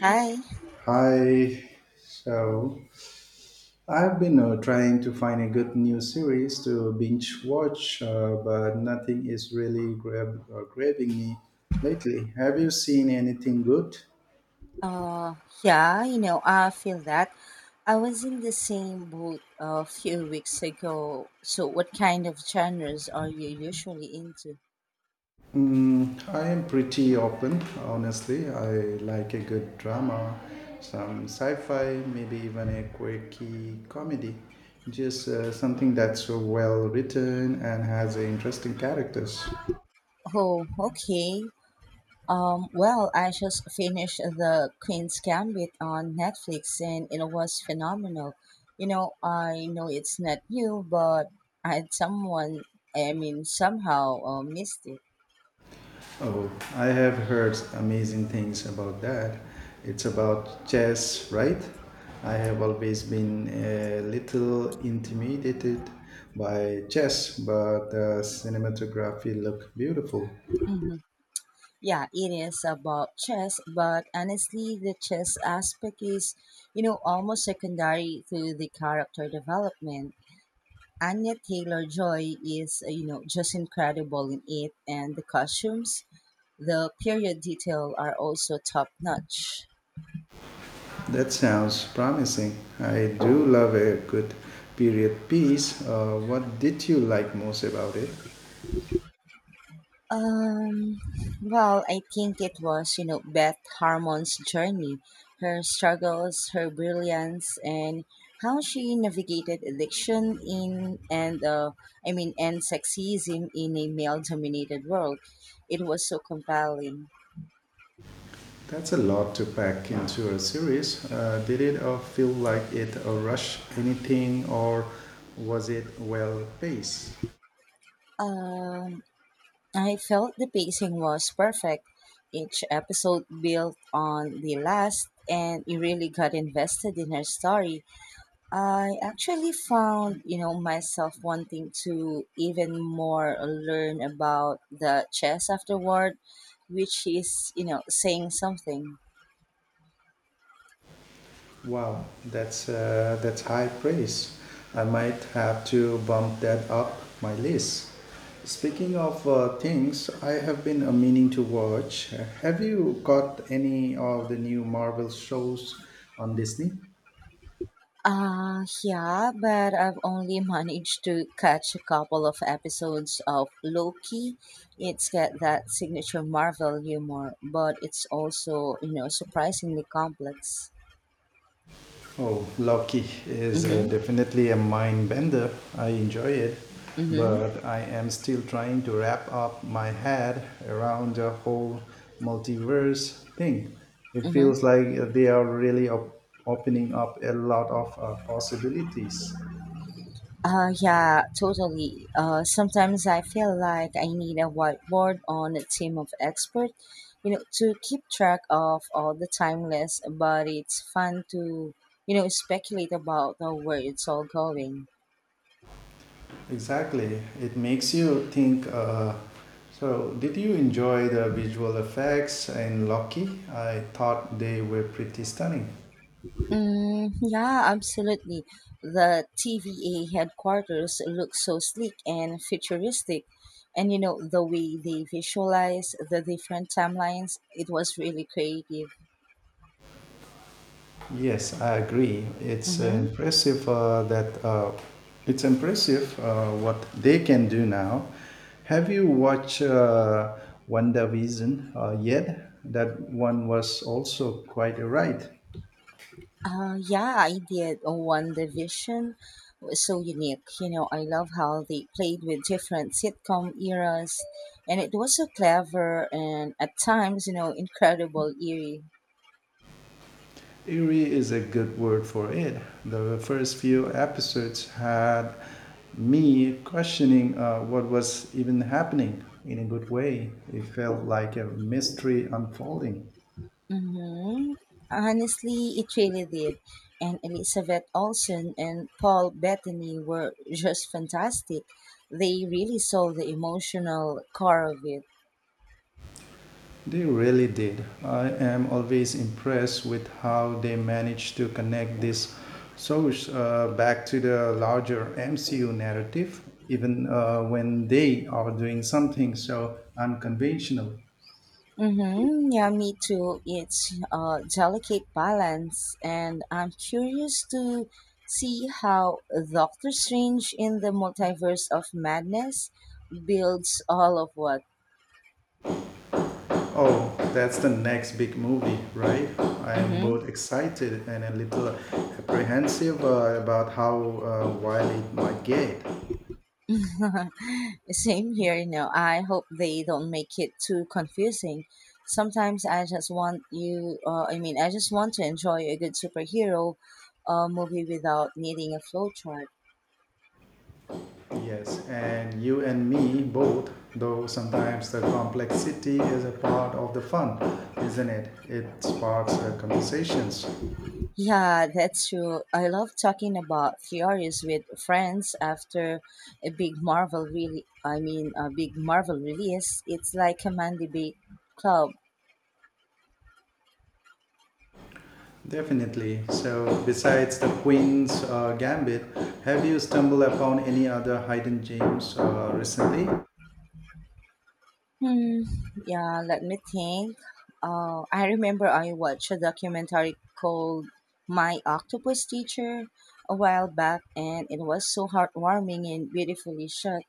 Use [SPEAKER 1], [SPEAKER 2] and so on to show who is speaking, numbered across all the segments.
[SPEAKER 1] Hi.
[SPEAKER 2] Hi.
[SPEAKER 1] Mhm.
[SPEAKER 2] So I've been trying to find a good new series to binge watch, but nothing is really grabbing me lately. Have you seen anything good?
[SPEAKER 1] Uh, yeah, you know, I feel that. I was in the same boat a few weeks ago. So, what kind of genres are you usually into?
[SPEAKER 2] Mm, I am pretty open, honestly. I like a good drama, some sci-fi, maybe even a quirky comedy. Just something that's well written and has interesting characters.
[SPEAKER 1] Oh, okay. Well, I just finished The Queen's Gambit on Netflix and it was phenomenal. You know, I know it's not you, but I had someone, I mean, somehow missed it.
[SPEAKER 2] Oh, I have heard amazing things about that. It's about chess, right? I have always been a little intimidated by chess, but the cinematography look beautiful.
[SPEAKER 1] Yeah, it is about chess, but honestly, the chess aspect is, you know, almost secondary to the character development. Anya Taylor Joy is, you know, just incredible in it, and the costumes, the period detail are also top notch.
[SPEAKER 2] That sounds promising. I do love a good period piece. What did you like most about it?
[SPEAKER 1] Um, well, I think it was, you know, Beth Harmon's journey, her struggles, her brilliance, and how she navigated addiction in and I mean, and sexism in a male-dominated world. It was so compelling.
[SPEAKER 2] That's a lot to pack into a series. Did it all feel like it a rush anything or was it well paced?
[SPEAKER 1] Um, I felt the pacing was perfect. Each episode built on the last, and you really got invested in her story. I actually found, you know, myself wanting to even more learn about the chess afterward, which is, you know, saying something.
[SPEAKER 2] Wow, that's high praise. I might have to bump that up my list. Speaking of things I have been meaning to watch, have you got any of the new Marvel shows on Disney?
[SPEAKER 1] Yeah, but I've only managed to catch a couple of episodes of Loki. It's got that signature Marvel humor, but it's also, you know, surprisingly complex.
[SPEAKER 2] Oh, Loki is
[SPEAKER 1] Mm-hmm.
[SPEAKER 2] definitely a mind bender. I enjoy it,
[SPEAKER 1] Mm-hmm.
[SPEAKER 2] but I am still trying to wrap up my head around the whole multiverse thing. It
[SPEAKER 1] Mm-hmm.
[SPEAKER 2] feels like they are really opening up a lot of possibilities.
[SPEAKER 1] Yeah, totally. Sometimes I feel like I need a whiteboard on a team of experts, you know, to keep track of all the timeless, but it's fun to, you know, speculate about where it's all going.
[SPEAKER 2] Exactly. It makes you think. So, did you enjoy the visual effects in Loki? I thought they were pretty stunning.
[SPEAKER 1] Mm, yeah, absolutely. The TVA headquarters look so sleek and futuristic. And you know, the way they visualize the different timelines, it was really creative.
[SPEAKER 2] Yes, I agree.
[SPEAKER 1] Mm-hmm.
[SPEAKER 2] It's impressive what they can do now. Have you watched WandaVision yet? That one was also quite a ride.
[SPEAKER 1] Yeah, I did one division was so unique. You know, I love how they played with different sitcom eras, and it was so clever and at times, you know, incredible eerie.
[SPEAKER 2] Eerie is a good word for it. The first few episodes had me questioning what was even happening in a good way. It felt like a mystery unfolding.
[SPEAKER 1] Mm-hmm. Honestly, it really did. And Elizabeth Olsen and Paul Bettany were just fantastic. They really saw the emotional core of it.
[SPEAKER 2] They really did. I am always impressed with how they managed to connect this source back to the larger MCU narrative, even when they are doing something so unconventional.
[SPEAKER 1] Mm-hmm. Yeah, me too. It's a delicate balance, and I'm curious to see how Doctor Strange in the Multiverse of Madness builds all of what.
[SPEAKER 2] Oh, that's the next big movie, right? I am
[SPEAKER 1] Mm-hmm.
[SPEAKER 2] both excited and a little apprehensive about how wild it might get.
[SPEAKER 1] Same here, you know. I hope they don't make it too confusing. Sometimes I just want you, I mean, I just want to enjoy a good superhero movie without needing a flowchart.
[SPEAKER 2] Yes, and you and me both, though sometimes the complexity is a part of the fun, isn't it? It sparks conversations.
[SPEAKER 1] Yeah, that's true. I love talking about theories with friends after a big Marvel really I mean, a big Marvel release. It's like a man debate club.
[SPEAKER 2] Definitely. So, besides the Queen's Gambit, have you stumbled upon any other hidden gems recently?
[SPEAKER 1] Hmm. Yeah, let me think. I remember I watched a documentary called My Octopus Teacher a while back and it was so heartwarming and beautifully shot.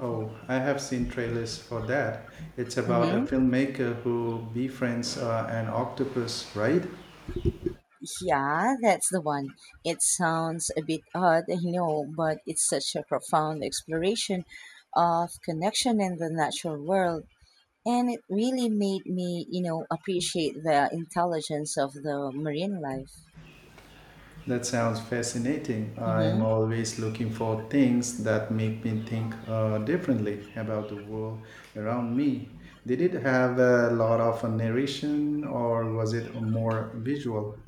[SPEAKER 2] Oh, I have seen trailers for that. It's about a
[SPEAKER 1] Mhm.
[SPEAKER 2] filmmaker who befriends an octopus, right?
[SPEAKER 1] Yeah, that's the one. It sounds a bit odd, I know, but it's such a profound exploration of connection in the natural world. And it really made me, you know, appreciate the intelligence of the marine life.
[SPEAKER 2] That sounds fascinating. I'm
[SPEAKER 1] Hmm.
[SPEAKER 2] always looking for things that make me think differently about the world around me. Did it have a lot of narration or was it more visual?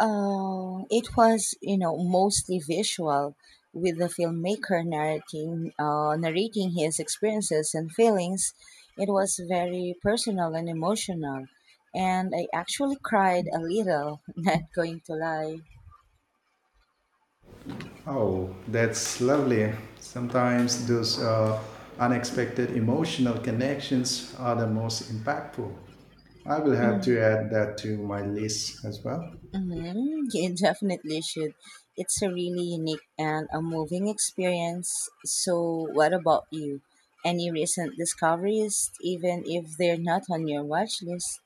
[SPEAKER 1] It was, you know, mostly visual, with the filmmaker narrating his experiences and feelings. It was very personal and emotional, and I actually cried a little. Not going to lie.
[SPEAKER 2] Oh, that's lovely. Sometimes those unexpected emotional connections are the most impactful. I will have
[SPEAKER 1] Mm-hmm.
[SPEAKER 2] to add that to my list as well.
[SPEAKER 1] You definitely should. It's a really unique and a moving experience. So, what about you? Any recent discoveries, even if they're not on your watch list?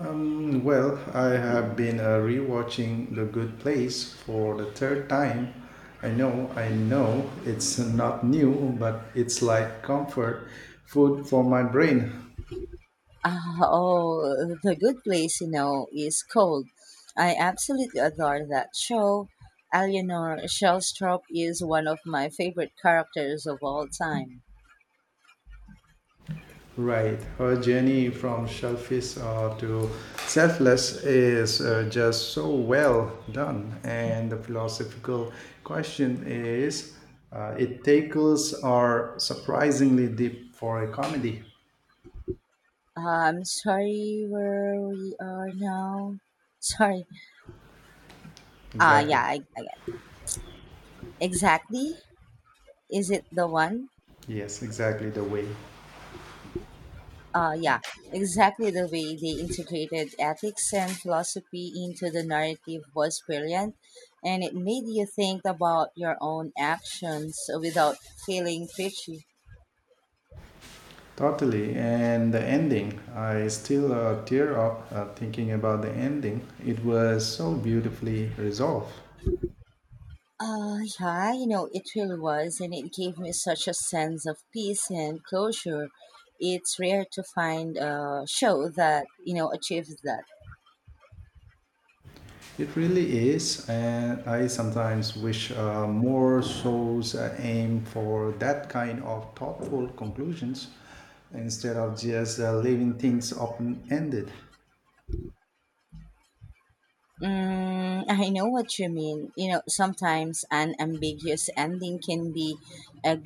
[SPEAKER 2] Well, I have been rewatching The Good Place for the third time. I know, it's not new, but it's like comfort food for my brain.
[SPEAKER 1] Oh, The Good Place, you know, is cold. I absolutely adore that show. Eleanor Shellstrop is one of my favorite characters of all time.
[SPEAKER 2] Right, her journey from selfish to selfless is just so well done, and the philosophical question is, it tackles are surprisingly deep for a comedy.
[SPEAKER 1] I'm sorry where we are now. Sorry. Yeah,
[SPEAKER 2] Exactly.
[SPEAKER 1] exactly. Is it the one?
[SPEAKER 2] Yes, exactly the way.
[SPEAKER 1] Yeah, exactly the way they integrated ethics and philosophy into the narrative was brilliant, and it made you think about your own actions without feeling preachy.
[SPEAKER 2] Totally. And the ending, I still tear up thinking about the ending. It was so beautifully resolved.
[SPEAKER 1] Yeah, you know, it really was, and it gave me such a sense of peace and closure. It's rare to find a show that, you know, achieves that.
[SPEAKER 2] It really is. And I sometimes wish more shows aim for that kind of thoughtful conclusions instead of just leaving things open ended.
[SPEAKER 1] Mm, I know what you mean. You know, sometimes an ambiguous ending can be a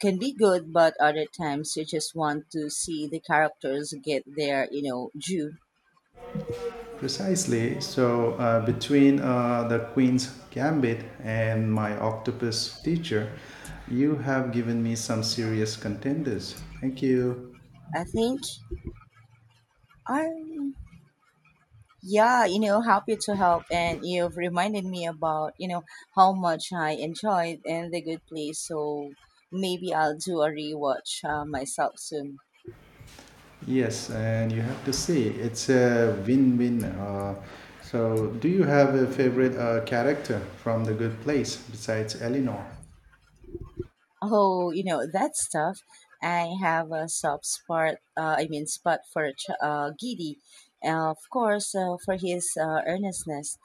[SPEAKER 1] can be good, but other times you just want to see the characters get their, you know, due.
[SPEAKER 2] Precisely. So, between the Queen's Gambit and my octopus teacher, you have given me some serious contenders. Thank you.
[SPEAKER 1] I think I'm, yeah, you know, happy to help. And you've reminded me about, you know, how much I enjoyed and the good place. So maybe I'll do a rewatch myself soon.
[SPEAKER 2] Yes, and you have to see, it's a win win. So, do you have a favorite character from The Good Place besides Eleanor?
[SPEAKER 1] Oh, you know, that stuff. I have a soft spot, I mean, spot for Giddy. For his earnestness.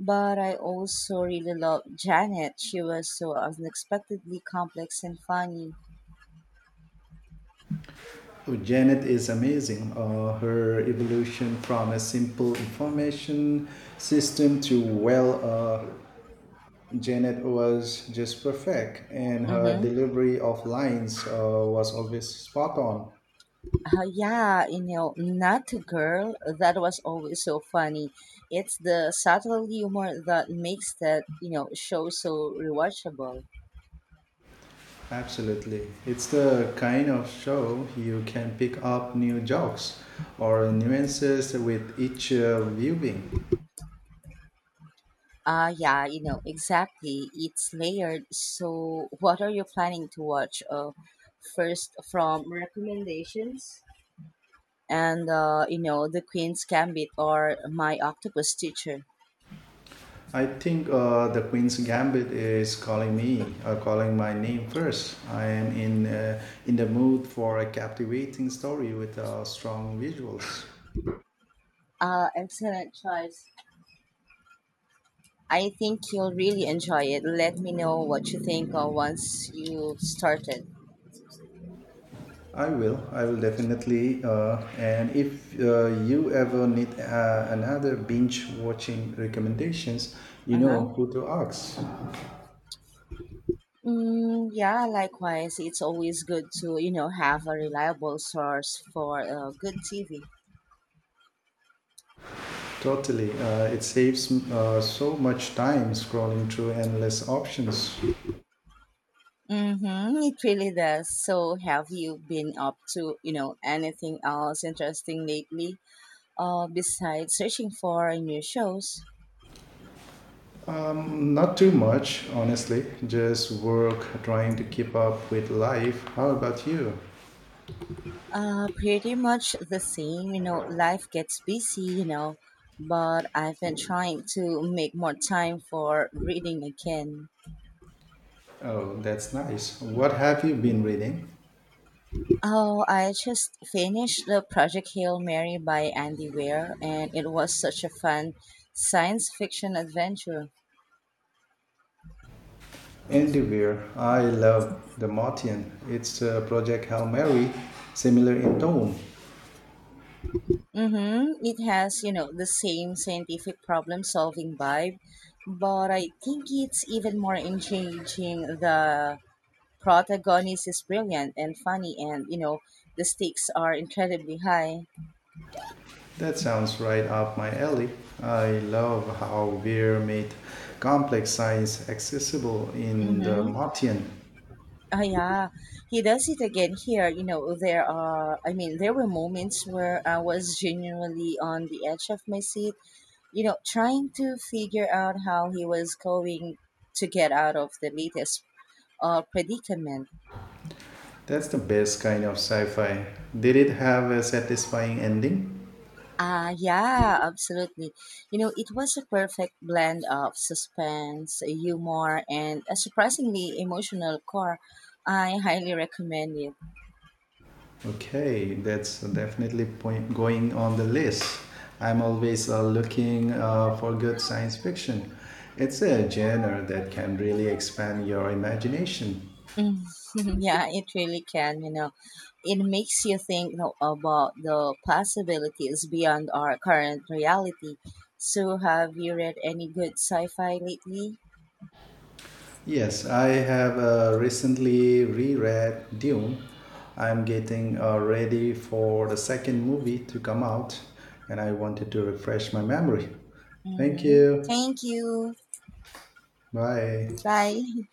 [SPEAKER 1] But I also really loved Janet. She was so unexpectedly complex and funny.
[SPEAKER 2] Oh, Janet is amazing. Her evolution from a simple information system to well, Janet was just perfect, and her
[SPEAKER 1] Mm-hmm.
[SPEAKER 2] delivery of lines was always spot on.
[SPEAKER 1] Yeah, you know, not a girl. That was always so funny. It's the subtle humor that makes that you know show so rewatchable.
[SPEAKER 2] Absolutely. It's the kind of show you can pick up new jokes or nuances with each viewing.
[SPEAKER 1] Yeah, you know exactly. It's layered. So, what are you planning to watch? First from recommendations, and you know, The Queen's Gambit or My Octopus Teacher.
[SPEAKER 2] I think the Queen's Gambit is calling me, calling my name first. I am in the mood for a captivating story with strong visuals.
[SPEAKER 1] Excellent choice. I think you'll really enjoy it. Let me know what you think once you've started.
[SPEAKER 2] I will. I will definitely. And if you ever need another binge watching recommendations, you
[SPEAKER 1] Uh-huh.
[SPEAKER 2] know who to ask.
[SPEAKER 1] Mm, yeah, likewise. It's always good to, you know, have a reliable source for good TV.
[SPEAKER 2] Totally. It saves so much time scrolling through endless options.
[SPEAKER 1] Mm-hmm, it really does. So, have you been up to, you know, anything else interesting lately besides searching for new shows?
[SPEAKER 2] Not too much, honestly. Just work, trying to keep up with life. How about you?
[SPEAKER 1] Pretty much the same, you know, life gets busy, you know, but I've been trying to make more time for reading again.
[SPEAKER 2] Oh, that's nice. What have you been reading?
[SPEAKER 1] Oh, I just finished the Project Hail Mary by Andy Weir, and it was such a fun science fiction adventure.
[SPEAKER 2] Endivere, I love the Martian. It's Project Hail Mary, similar in tone.
[SPEAKER 1] Mm-hmm. It has, you know, the same scientific problem solving vibe, but I think it's even more engaging. The protagonist is brilliant and funny, and you know the stakes are incredibly high.
[SPEAKER 2] That sounds right up my alley. I love how Weir made complex science accessible in the
[SPEAKER 1] Mm-hmm.
[SPEAKER 2] Martian.
[SPEAKER 1] Yeah, he does it again here. You know, there were moments where I was genuinely on the edge of my seat, you know, trying to figure out how he was going to get out of the latest predicament.
[SPEAKER 2] That's the best kind of sci fi. Did it have a satisfying ending?
[SPEAKER 1] Yeah, absolutely. You know, it was a perfect blend of suspense, humor, and a surprisingly emotional core. I highly recommend it.
[SPEAKER 2] Okay, that's definitely point going on the list. I'm always looking for good science fiction. It's a genre that can really expand your imagination.
[SPEAKER 1] Mm, yeah, it really can. You know, it makes you think you know, about the possibilities beyond our current reality. So, have you read any good sci-fi lately?
[SPEAKER 2] Yes, I have recently reread Dune. I'm getting ready for the second movie to come out, and I wanted to refresh my memory. Thank
[SPEAKER 1] Mm-hmm.
[SPEAKER 2] you.
[SPEAKER 1] Thank you.
[SPEAKER 2] Bye.
[SPEAKER 1] Bye.